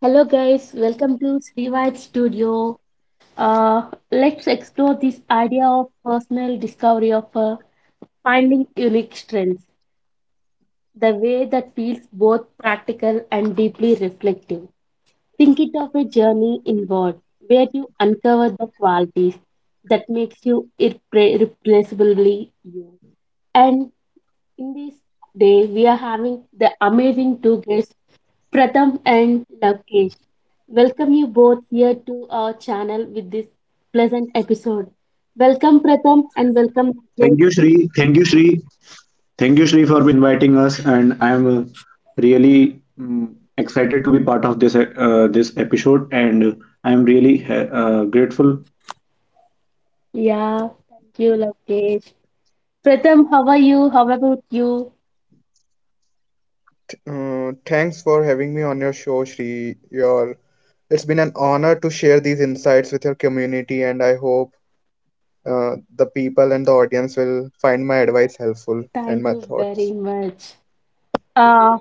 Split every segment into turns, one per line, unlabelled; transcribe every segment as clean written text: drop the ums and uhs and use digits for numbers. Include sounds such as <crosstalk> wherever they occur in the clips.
Hello, guys. Welcome to Sri White Studio. Uh, let's explore this idea of personal discovery of finding unique strengths, the way that feels both practical and deeply reflective. Think it of a journey inward where you uncover the qualities that makes you irreplaceably you. And in this day, we are having the amazing two guests Pratham and Lokesh. Welcome you both here to our channel with this pleasant episode. Welcome Pratham and welcome
Thank you,
Lokesh.
Shri. Thank you, Shri. Thank you, Shri, for inviting us. And I'm really excited to be part of this episode. And I'm really grateful.
Yeah, thank you Lokesh. Pratham, how are you? How about you?
Thanks for having me on your show, Shri. Your it's been an honor to share these insights with your community, and I hope the people and the audience will find my
Yeah,
advice helpful and
thank
my
you very
thoughts.
much. Uh,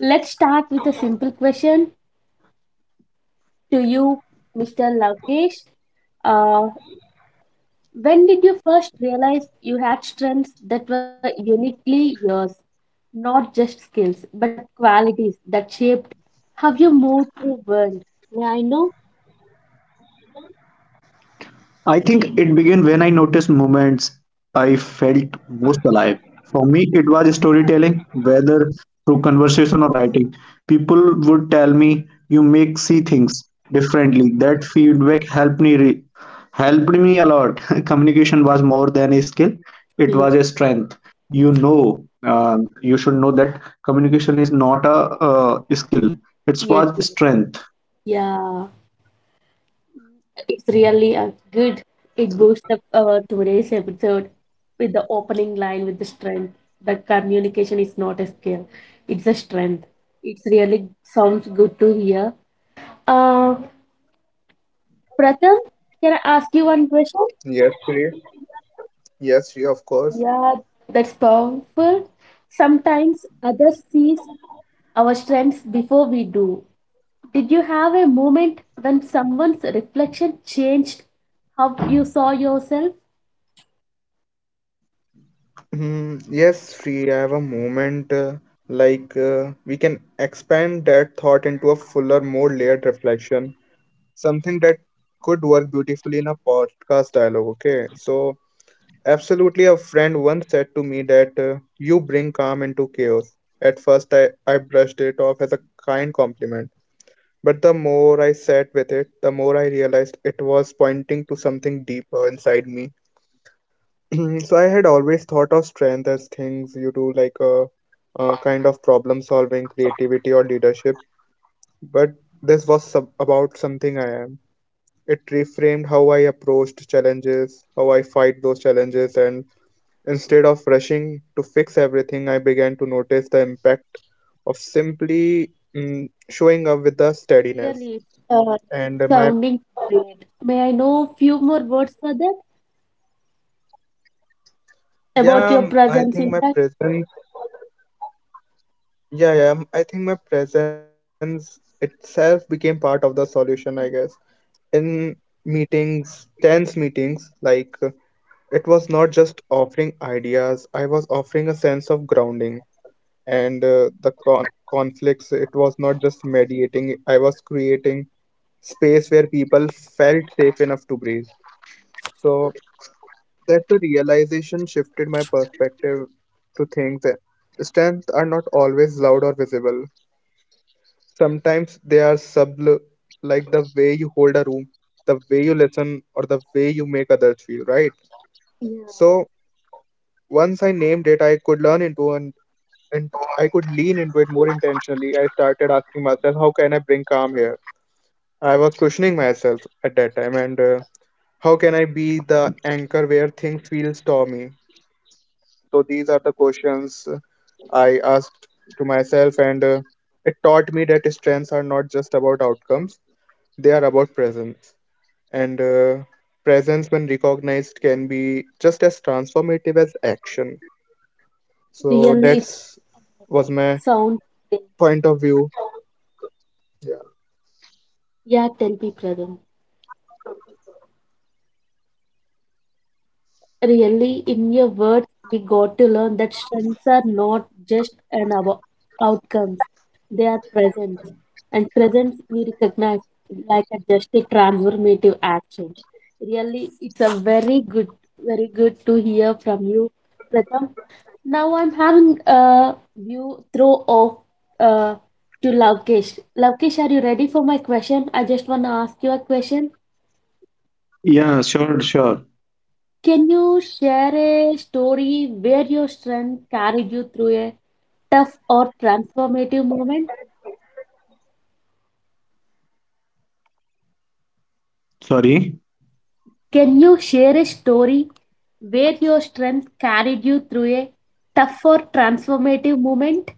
let's start with a simple question to you, Mr. Lokesh. Uh, When did you first realize you had strengths that were uniquely yours? Not just skills, but qualities that shaped how you moved through world. Yeah, I know.
I think it began when I noticed moments I felt most alive. For me, it was storytelling, whether through conversation or writing. People would tell me, "You make see things differently." That feedback helped me a lot. <laughs> Communication was more than a skill;
Yes,
it was a strength. You should know that communication is not a skill;
yes, yes.
it was strength.
Yeah, it's really a good. It boosts up today's episode with the opening line with the strength. The communication is not a skill; it's a strength. It's really sounds good to hear. Uh, Pratham, can I ask you one question?
Yes, Shri. Yes, Shri, of course.
Yeah, that's powerful. Sometimes others sees our strengths before we do. Did you have a moment when someone's reflection changed how you saw yourself?
Yes, Shri, I have a moment we can expand that thought into a fuller, more layered reflection, something that could work beautifully in a podcast dialogue. Okay, so absolutely, a friend once said to me that you bring calm into chaos. At first, I brushed it off as a kind compliment, but the more I sat with it, the more I realized it was pointing to something deeper inside me. <clears throat> So, I had always thought of strength as things you do, like a kind of problem solving, creativity, or leadership, but this was about something I am. It reframed how I approached challenges, how I fight those challenges, and instead of rushing to fix everything, I began to notice the impact of simply showing up with the steadiness.
Really, uh,
And my
sounding great. May I know few more words for that about
yeah,
your
mm, I
presence
think
in
my
that?
presence yeah I think my presence itself became part of the solution. I guess in meetings, tense meetings, it was not just offering ideas. I was offering a sense of grounding and conflicts. It was not just mediating. I was creating space where people felt safe enough to breathe. So that the realization shifted my perspective to think that strengths are not always loud or visible. Sometimes they are subtle, like the way you hold a room, the way you listen, or the way you make others feel, right?
Yeah,
So once I named it, and I could lean into it more intentionally. I started asking myself, how can I bring calm here? I was questioning myself at that time, and how can I be the anchor where things feel stormy? So these are the questions I asked to myself, and it taught me that strengths are not just about outcomes, they are about presence. And presence, when recognized, can be just as transformative as action. So
really, it
that's was my
sounds great.
point of view. Yeah.
Yeah, tell me, brother. Really, in your words, we got to learn that strengths are not just an outcomes; they are presence, and presence we recognize like a just a transformative action. Really, it's a very good, very good to hear from you, Pratham. Now I'm having a view throw off uh, to Lavkesh. Lavkesh, are you ready for my question? I just want to ask you a question.
Yeah, sure, sure.
Can you share a story where your strength carried you through a tough or transformative moment?
Sorry.
Can you share a story where your strength carried you through a tough or transformative moment?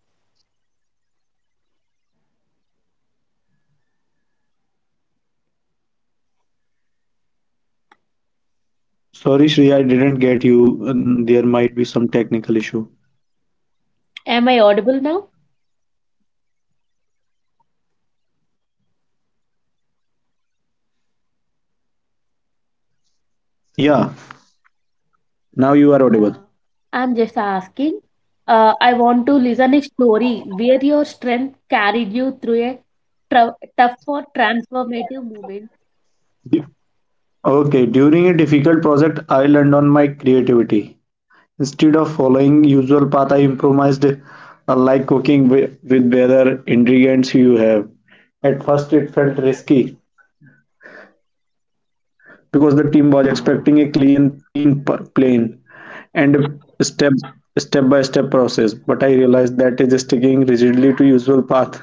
Sorry, Shri, I didn't get you. There might be some technical issue.
Am I audible now?
Yeah, now you are audible.
Yeah, I'm just asking. I want to listen a story where your strength carried you through a tough or transformative moment.
Du- Okay, during a difficult project, I leaned on my creativity. Instead of following usual path, I improvised, like cooking with better ingredients you have. At first, it felt risky because the team was expecting a plane and a step by step process. But I realized that is sticking rigidly to usual path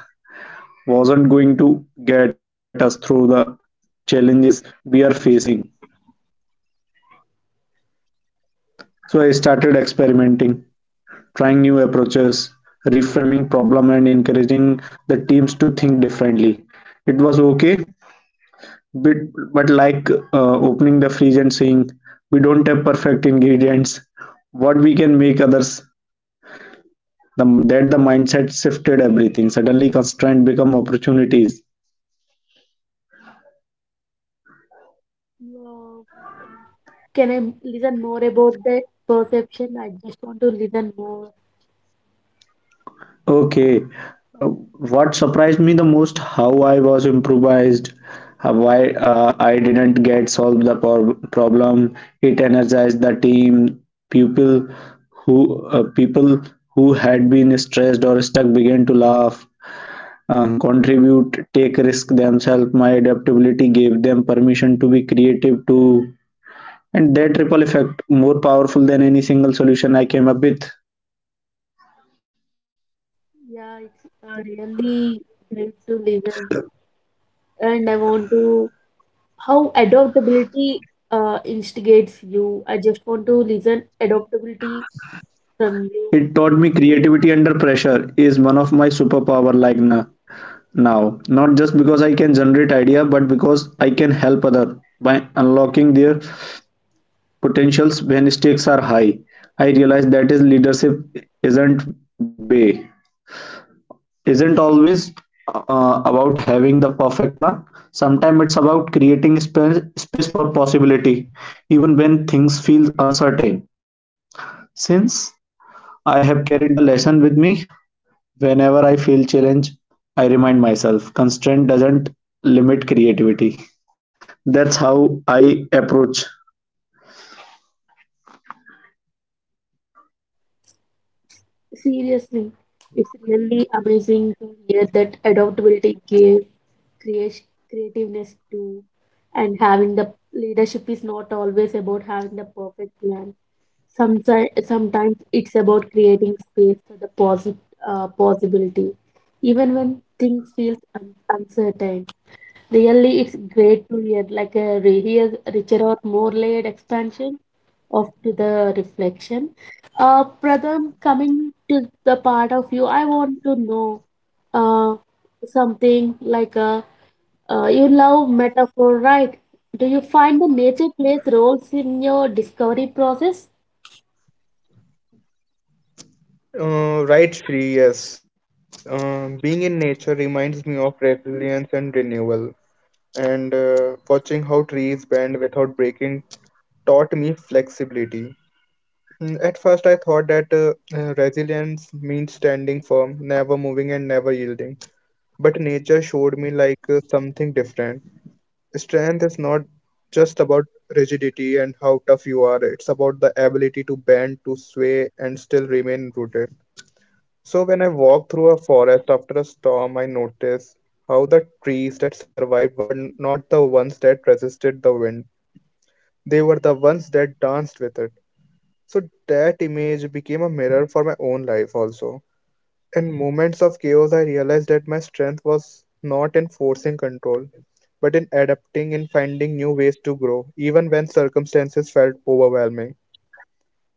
wasn't going to get us through the challenges we are facing. So I started experimenting, trying new approaches, reframing problem and encouraging the teams to think differently. It was okay, but, but like opening the fridge and saying, we don't have perfect ingredients. What we can make others, that the mindset shifted everything. Suddenly constraints become opportunities.
Yeah. Can I listen more about that perception? I just want to listen more.
Okay. Uh, what surprised me the most, how I was improvised, I didn't get solved the problem. It energized the team. People People who had been stressed or stuck began to laugh, contribute, risk themselves. My adaptability gave them permission to be creative too, and that ripple effect more powerful than any single solution I came up with.
Yeah, it's really great to listen. And I want to, how adaptability instigates you. I just want to listen adaptability from you.
It taught me creativity under pressure is one of my superpower now. Not just because I can generate idea, but because I can help other by unlocking their potentials when stakes are high. I realize that is leadership isn't bay isn't always about having the perfect plan. Sometimes it's about creating space, space for possibility, even when things feel uncertain. Since I have carried the lesson with me. Whenever I feel challenged, I remind myself, constraint doesn't limit creativity. That's how I approach.
Seriously, it's really amazing to hear that adaptability gave creation, creativeness to, and having the leadership is not always about having the perfect plan. Sometimes it's about creating space for the possibility, even when things feel uncertain. Really, it's great to hear like a hear richer or more layered expansion of to the reflection. Pradham, coming to the part of you, I want to know uh, something like you love metaphor, right? Do you find the nature plays roles in your discovery process?
Right, Shri, yes. Being in nature reminds me of resilience and renewal. And watching how trees bend without breaking taught me flexibility. At first, I thought that resilience means standing firm, never moving, and never yielding. But nature showed me something different. Strength is not just about rigidity and how tough you are, it's about the ability to bend, to sway, and still remain rooted. So, when I walked through a forest after a storm, I noticed how the trees that survived were not the ones that resisted the wind, they were the ones that danced with it. So that image became a mirror for my own life also. In moments of chaos, I realized that my strength was not in forcing control, but in adapting in finding new ways to grow, even when circumstances felt overwhelming.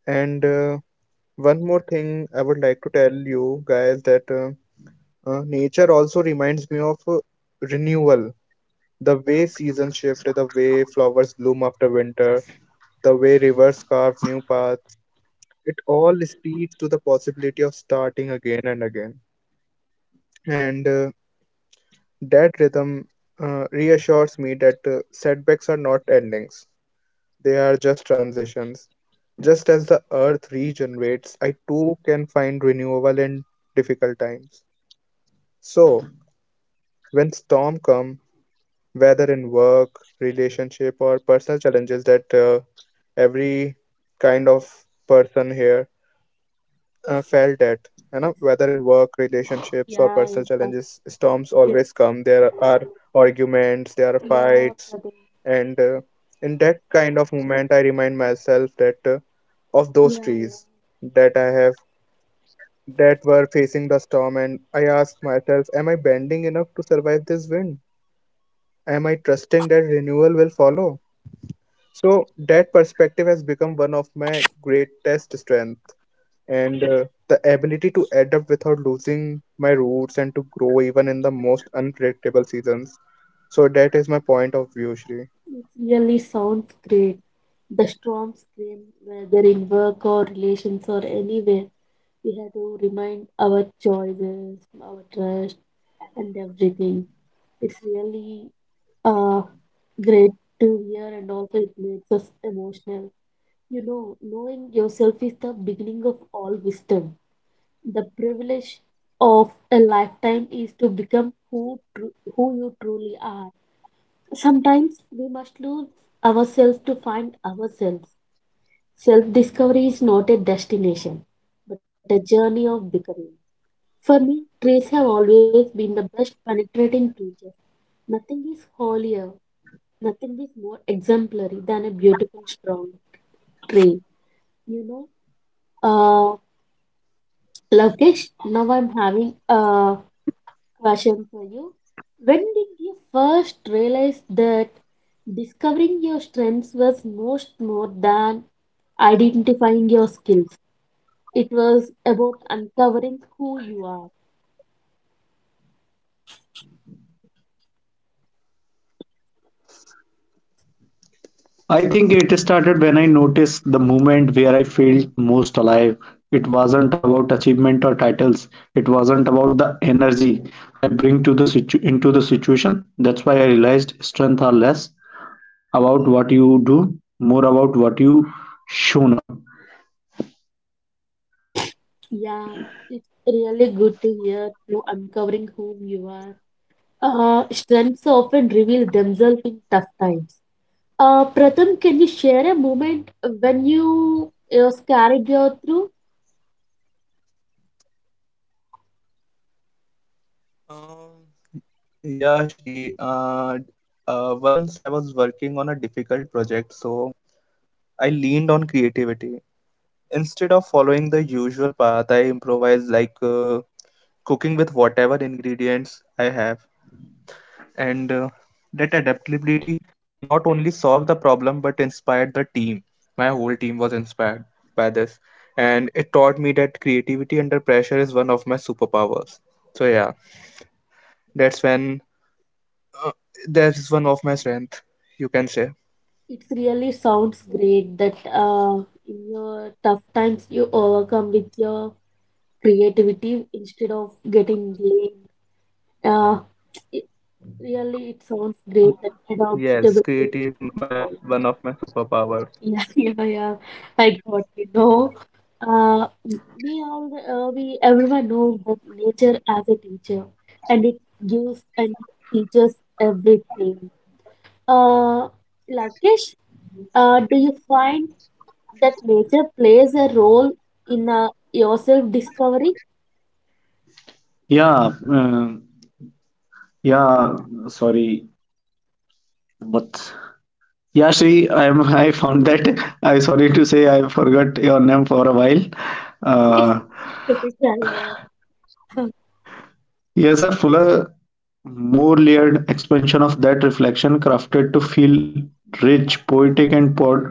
And one more thing I would like to tell you guys that nature also reminds me of renewal. The way seasons shift, the way flowers bloom after winter, the way rivers carve new paths, it all speaks to the possibility of starting again and again. And that rhythm reassures me that setbacks are not endings, they are just transitions. Just as the earth regenerates, I too can find renewal in difficult times. So, when storm come, whether in work, relationship, or personal challenges that every kind of person here felt that
Yes.
whether in work relationships or
Yeah,
personal
yeah,
challenges storms
yeah, yeah,
always come, there are arguments, there are
yeah,
fights,
brother.
and in that kind of moment I remind myself that of those
Yeah, yeah.
trees that I have that were facing the storm, and I ask myself, am I bending enough to survive this wind? Am I trusting that renewal will follow? So that perspective has become one of my greatest strengths, and the ability to adapt without losing my roots and to grow even in the most unpredictable seasons. So that is my point of view, Shri.
It really sounds great. The storms came whether in work or relations or anywhere. We have to remind our choices, our trust, and everything. It's really uh great to hear, and also it makes us emotional. You know, knowing yourself is the beginning of all wisdom. The privilege of a lifetime is to become who you truly are. Sometimes we must lose ourselves to find ourselves. Self discovery is not a destination, but a journey of becoming. For me, trees have always been the best penetrating teachers. Nothing is holier, nothing is more exemplary than a beautiful, strong tree. You know, uh, Lovekesh, now I'm having a Question for you. When did you first realize that discovering your strengths was most more than identifying your skills? It was about uncovering who you are.
I think it started when I noticed the moment where I felt most alive. It wasn't about achievement or titles. It wasn't about the energy I bring to into the situation. That's why I realized strength are less about what you do, more about what you shown up.
Yeah, it's really good to hear you uncovering whom you are. Strengths often reveal themselves in tough times. Pratham, can you share a moment when you know, carried you through?
Um, yeah, Shri. Once I was working on a difficult project, so I leaned on creativity. Instead of following the usual path, I improvised like cooking with whatever ingredients I have. And that adaptability not only solved the problem but inspired the team, my whole team was inspired by this, and it taught me that creativity under pressure is one of my superpowers. So yeah, that's when uh, that is one of my strength, you can say.
It really sounds great that in your tough times you overcome with your creativity instead of getting blamed. Uh, it, Really, it sounds great that adaptability.
Yes,
Is
creativity is
all.
my one of my superpowers.
Yeah, <laughs> yeah, yeah. I got it. No, uh, we all we everyone knows that nature as a teacher, and it gives and teaches everything. Uh, Lakesh, do you find that nature plays a role in your self discovery.
Yeah, yeah. Sorry, but. Yeah, Shri, I found that. I'm sorry to say I forgot your name for a while. Uh,
<laughs> It's a bit Carry on.
yes, a fuller, more layered expansion of that reflection crafted to feel rich, poetic, and poured.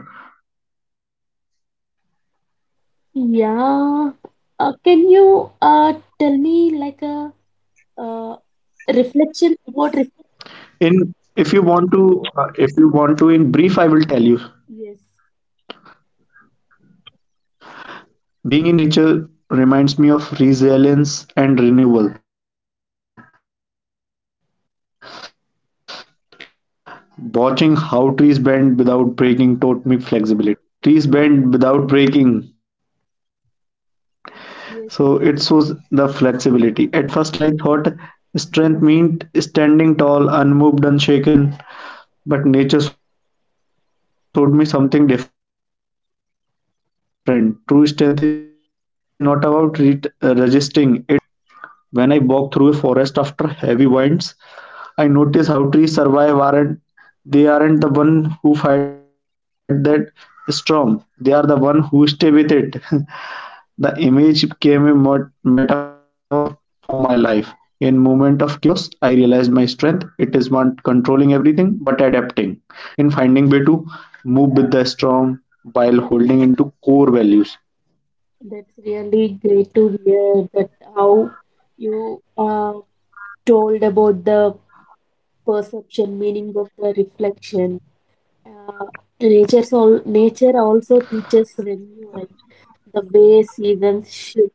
Yeah. Can you tell me like a uh, reflection about reflection?
In If you want to, if you want to, in brief, I will tell you.
Yes,
Being in nature reminds me of resilience and renewal. Watching how trees bend without breaking taught me flexibility. You know, uh, um, Trees bend without breaking,
yes, yes.
so it shows the flexibility. At first I thought strength meant standing tall, unmoved, unshaken, but nature showed me something different. True strength is not about resisting, it's about bending gracefully yet staying rooted. When I walk through a forest after heavy winds, I notice how trees survive aren't they aren't the one who fight that storm. They are the one who stay with it. <laughs> The image became a metaphor for my life. In moment of chaos, I realized my strength. It is not controlling everything, but adapting. In finding way to move with the storm while holding into core values.
That's really great to hear that how you told about the perception meaning of the reflection. Uh, Nature's all nature also teaches renewal, the way seasons shift.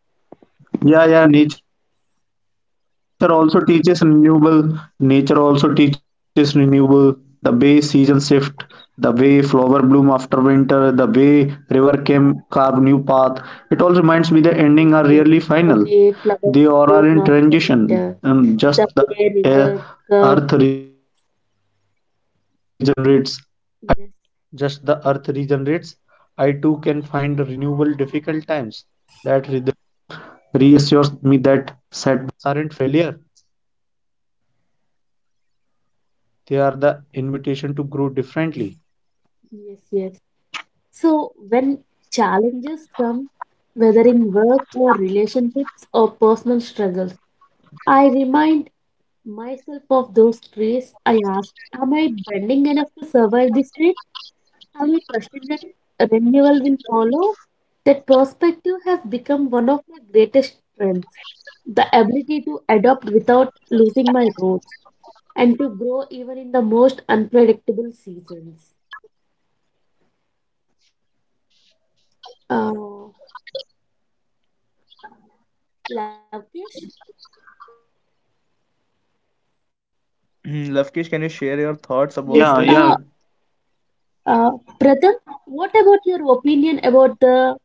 Yeah, yeah. Nature also teaches renewable. The way season shift, the way flower bloom after winter, the way river came carve new path. It all reminds me the ending are rarely final. They
Yes,
all
yes.
are in
The way
transition,
flowers
and just
bloom
the
after
air,
winter,
earth
the way
regenerates.
river curve. Yes, yes, yes. So when challenges come, whether in work or relationships or personal struggles, I remind myself of those trees. I ask, am I bending enough to survive this way? Are we trusted that renewal will follow? That perspective has become one of my greatest strengths. The ability to adapt without losing my roots and to grow even in the most unpredictable seasons. Uh, Lavkesh?
Yeah, yeah. Sorry,
Lavkish, can you share your
Yes.
thoughts about this?
Uh, Brother, what about your opinion about the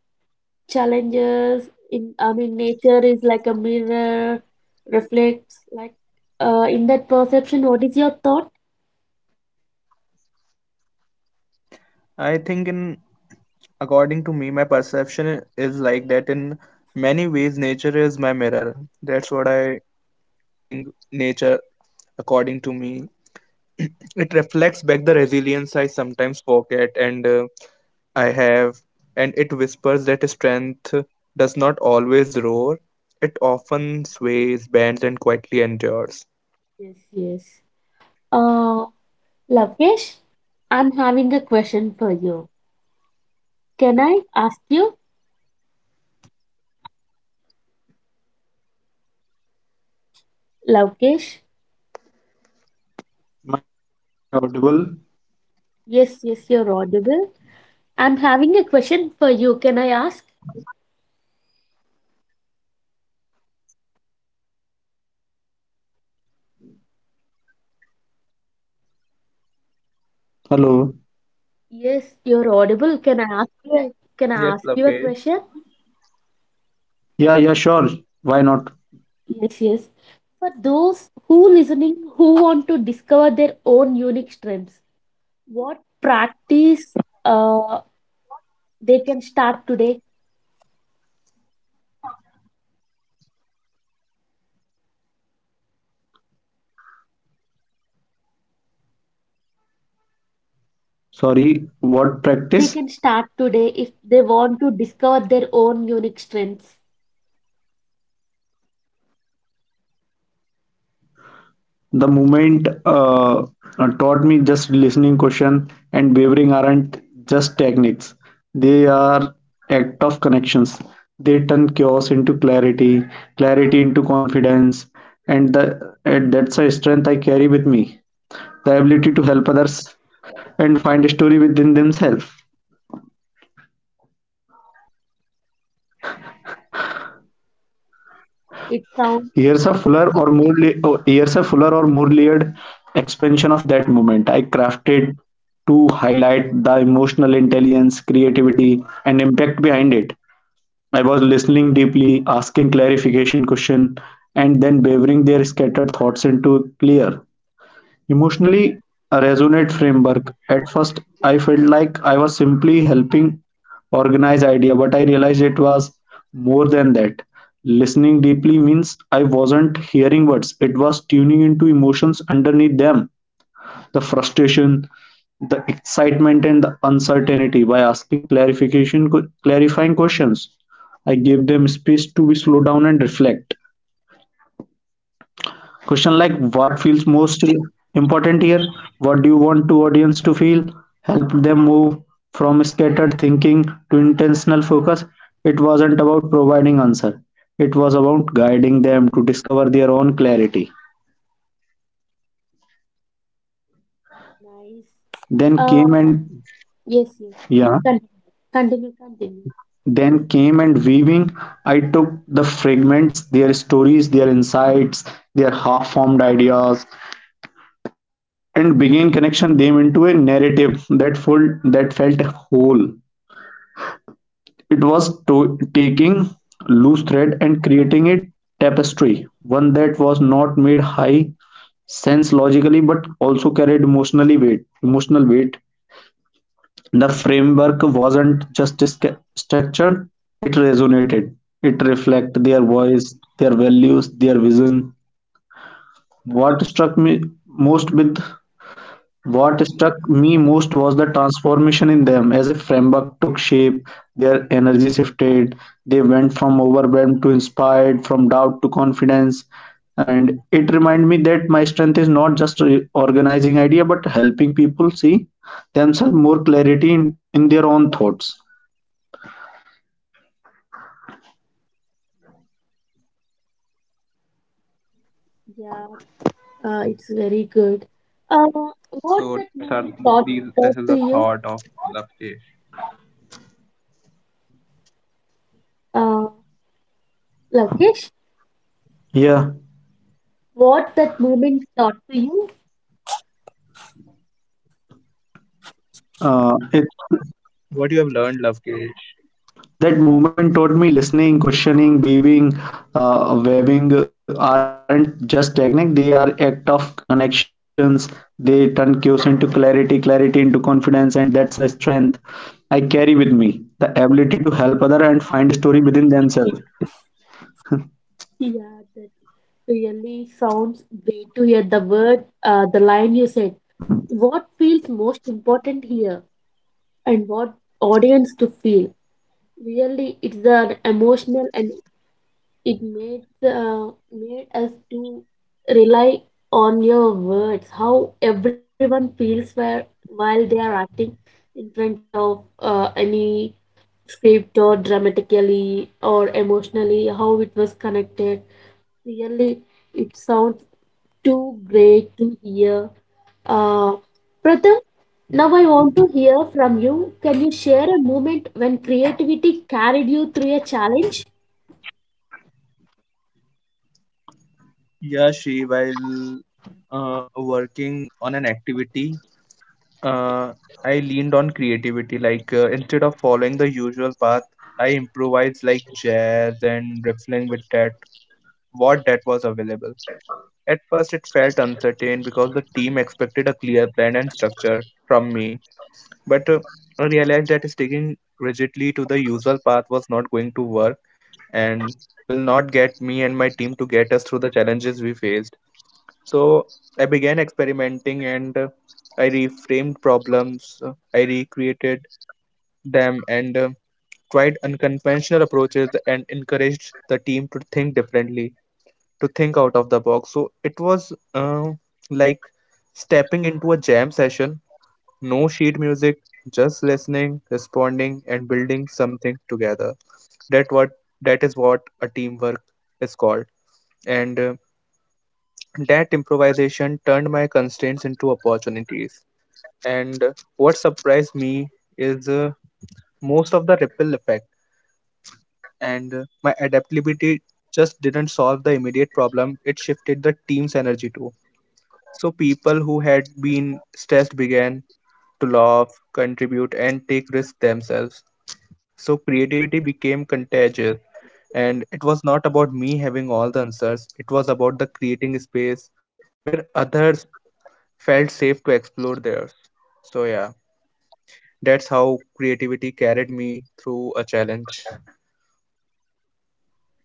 challenges in, I mean, nature is like a mirror, reflects like in that perception, what is your thought?
I think in according to me, my perception is like that in many ways nature is my mirror. That's what I thing nature, according to me, <clears throat> it reflects back the resilience I sometimes forget and I have, and it whispers that strength does not always roar, it often sways, bends, and quietly endures.
Yes, yes. Uh, Lavkesh, I'm having a question for you. Can I ask you, Lavkesh?
am I audible?
Yes, yes, you're audible. I'm having a question for you. Can I ask?
Yeah, sure. Hello.
Yes, you're audible. Can I ask you? Can
Yes,
I ask you a
Lovekesh.
question?
Yeah, yeah, sure. Why not?
Yes, yes. For those who listening who want to discover their own unique strengths, what practice uh, they can start today?
Sorry, what practice?
They can start today if they want to discover their own unique strengths.
The moment taught me just listening question and wavering aren't just techniques. They are act of connections. They turn chaos into clarity, clarity into confidence, and the and that's a strength I carry with me. The ability to help others and find a story within themselves.
It sounds
Years are fuller or more layered expansion of that moment. I crafted to highlight the emotional intelligence, creativity, and impact behind it. I was listening deeply, asking clarification question, and then wavering their scattered thoughts into clear. Emotionally resonant framework. At first I felt like I was helping organize idea, but I realized it was more than that. Listening deeply means I wasn't hearing words, it was tuning into emotions underneath them. The frustration, the excitement and the uncertainty by asking clarification clarifying questions. I gave them space to be slow down and reflect. Question like what feels most important here? What do you want to audience to feel? Help them move from scattered thinking to intentional focus. It wasn't about providing answer. It was about guiding them to discover their own clarity.
Nice.
Then
Uh,
came and
yes, yes.
Yeah,
Continue, continue, continue.
then came and weaving. I took the fragments, their stories, their insights, their half-formed ideas, and began connection them into a narrative that felt whole. It was to taking loose thread and creating a tapestry, one that was not made high sense logically but also carried emotional weight. The framework wasn't just structured, it resonated, it reflected their voice, their values, their vision. what struck me most with what struck me most was the transformation in them. As a framework took shape, their energy shifted. They went from overwhelmed to inspired, from doubt to confidence. And it reminded me that my strength is not just organizing idea, but helping people see themselves more clarity in their own thoughts.
Yeah, it's very good. Uh,
So
what that
that's our,
moment
these, this is the
taught to
thought
you,
of Lovekesh,
uh, Lakesh?
Yeah,
What that moment taught to you?
it.
what you have learned, Lovekesh?
That moment taught me listening, questioning, weaving, waving aren't just technique, they are act of connections. They turn chaos into clarity, clarity into confidence, and that's a strength I carry with me. The ability to help other and find story within themselves.
Yeah, that really sounds great to hear the word, the line you said. What feels most important here, and what audience to feel? Really, it's an emotional and it made made us to rely on your words how everyone feels where, while they are acting in front of any script or dramatically or emotionally how it was connected really it sounds too great to hear. uh, Pratham, now I want to hear from you. Can you share a moment when creativity carried you through a challenge?
Yeah, she while working on an activity, uh, I leaned on creativity. Instead of following the usual path, I improvised like jazz and riffling with that what that was available. At first, it felt uncertain because the team expected a clear plan and structure from me. But I realized that sticking rigidly to the usual path was not going to work and will not get me and my team to get us through the challenges we faced. So I began experimenting and I reframed problems. I recreated them and tried unconventional approaches and encouraged the team to think differently, to think out of the box. So it was like stepping into a jam session, no sheet music, just listening, responding, and building something together. That what that is what a teamwork is called, and that improvisation turned my constraints into opportunities. And what surprised me is most of the ripple effect, and my adaptability just didn't solve the immediate problem, it shifted the team's energy too. So people who had been stressed began to laugh, contribute, and take risks themselves. So creativity became contagious, and it was not about me having all the answers, it was about the creating space where others felt safe to explore theirs. So, yeah, that's how creativity carried me through a challenge.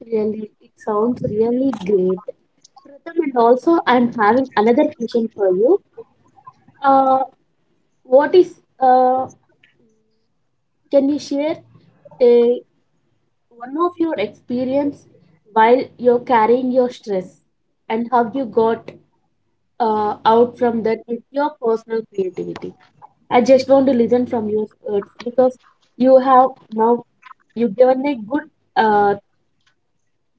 Really, it sounds really great. Pratham, and also I'm having another question for you. Uh, what is Can you share a one of your experience while you're carrying your stress and how you got out from that with your personal creativity? I just want to listen from your words because you have now you've given a good uh,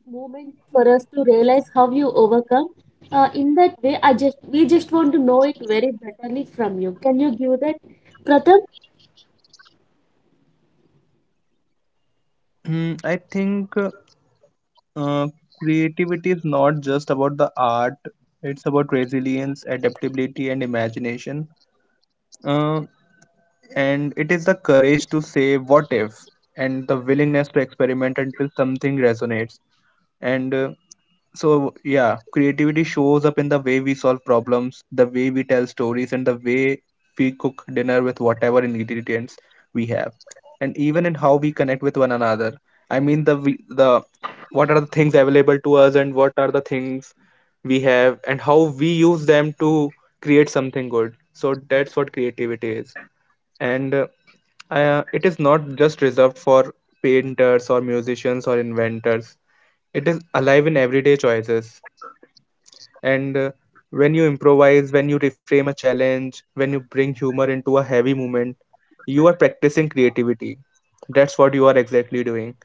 moment for us to realize how you overcome. In that way, I just we just want to know it very betterly from you. Can you give that, Pratham?
Hmm, I think uh, creativity is not just about the art, it's about resilience, adaptability, and imagination. uh, and it is the courage to say what if, and the willingness to experiment until something resonates. And so yeah, creativity shows up in the way we solve problems, the way we tell stories, and the way we cook dinner with whatever ingredients we have, and even in how we connect with one another. I mean the what are the things available to us and what are the things we have and how we use them to create something good. So that's what creativity is. And it is not just reserved for painters or musicians or inventors. It is alive in everyday choices, and when you improvise, when you reframe a challenge, when you bring humor into a heavy moment, you are practicing creativity. That's what you are exactly doing.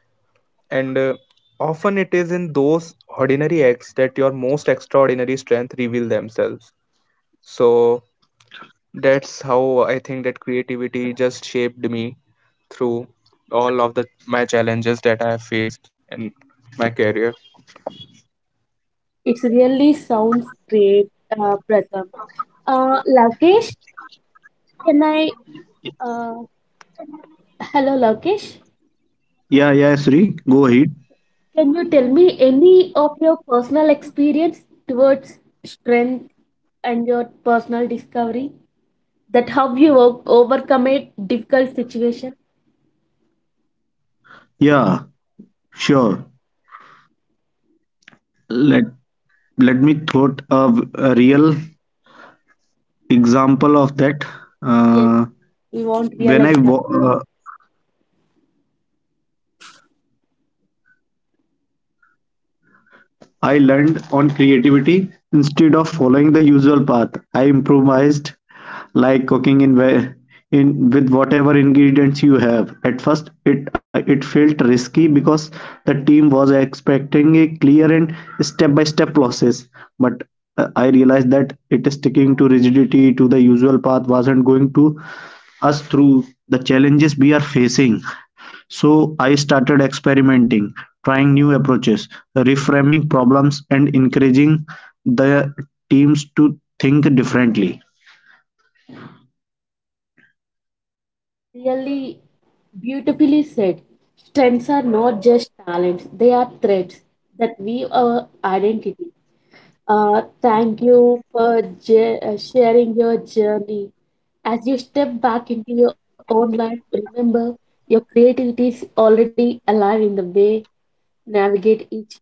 And often it is in those ordinary acts that your most extraordinary strength reveal themselves. So that's how I think that creativity just shaped me through all of the my challenges that I have faced in my career.
It really sounds great, Pratham. Lakesh, can I? Uh, Hello, Lakesh.
Yeah, yeah, Sri, go ahead.
Can you tell me any of your personal experience towards strength and your personal discovery? That how you overcome a difficult situation?
Yeah, sure. Let let me thought of a real example of that.
Yes,
Uh,
we want real
when I
examples.
wa- I learned on creativity instead of following the usual path. I improvised, like cooking in, where- in with whatever ingredients you have. At first, it felt risky because the team was expecting a clear and step-by-step process. But I realized that it sticking to rigidity to the usual path wasn't going to us through the challenges we are facing. So I started experimenting, trying new approaches, reframing problems, and encouraging the teams to think differently.
Really beautifully said. Strengths are not just talents, they are threads that weave our identity. Thank you for sharing your journey. As you step back into your own life, remember your creativity is already alive in the way navigate each day.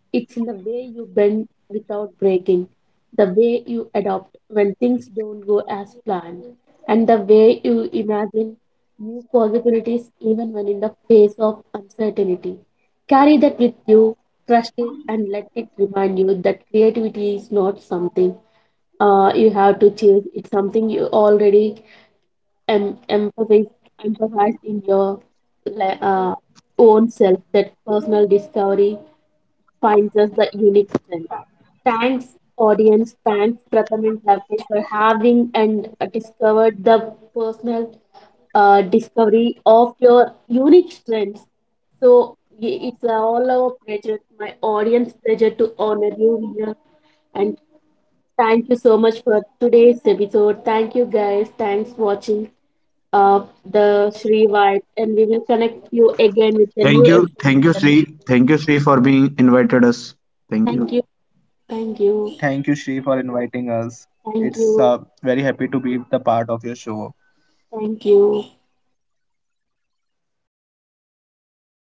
It's in the way you bend without breaking, the way you adapt when things don't go as planned, and the way you imagine new possibilities even when in the face of uncertainty. Carry that with you, trust it, and let it remind you that creativity is not something you have to chase. It's something you already em- empathize empathize in your le- uh, own self that personal discovery finds us the unique strength. Thanks audience, thanks Pratham and Lavkesh for having and discovered the personal discovery of your unique strengths. So it's all our pleasure, my audience pleasure to honor you here, and thank you so much for today's episode. Thank you guys, thanks for watching the Shri Vibe, and we will connect you again with a new
Thank you,
episode.
Sri. Thank you, Sri, for being invited us. Thank
Thank
you.
you, thank you,
Thank you, Shri, for inviting
thank
us.
you,
It's very happy to be the part of your show.
thank you.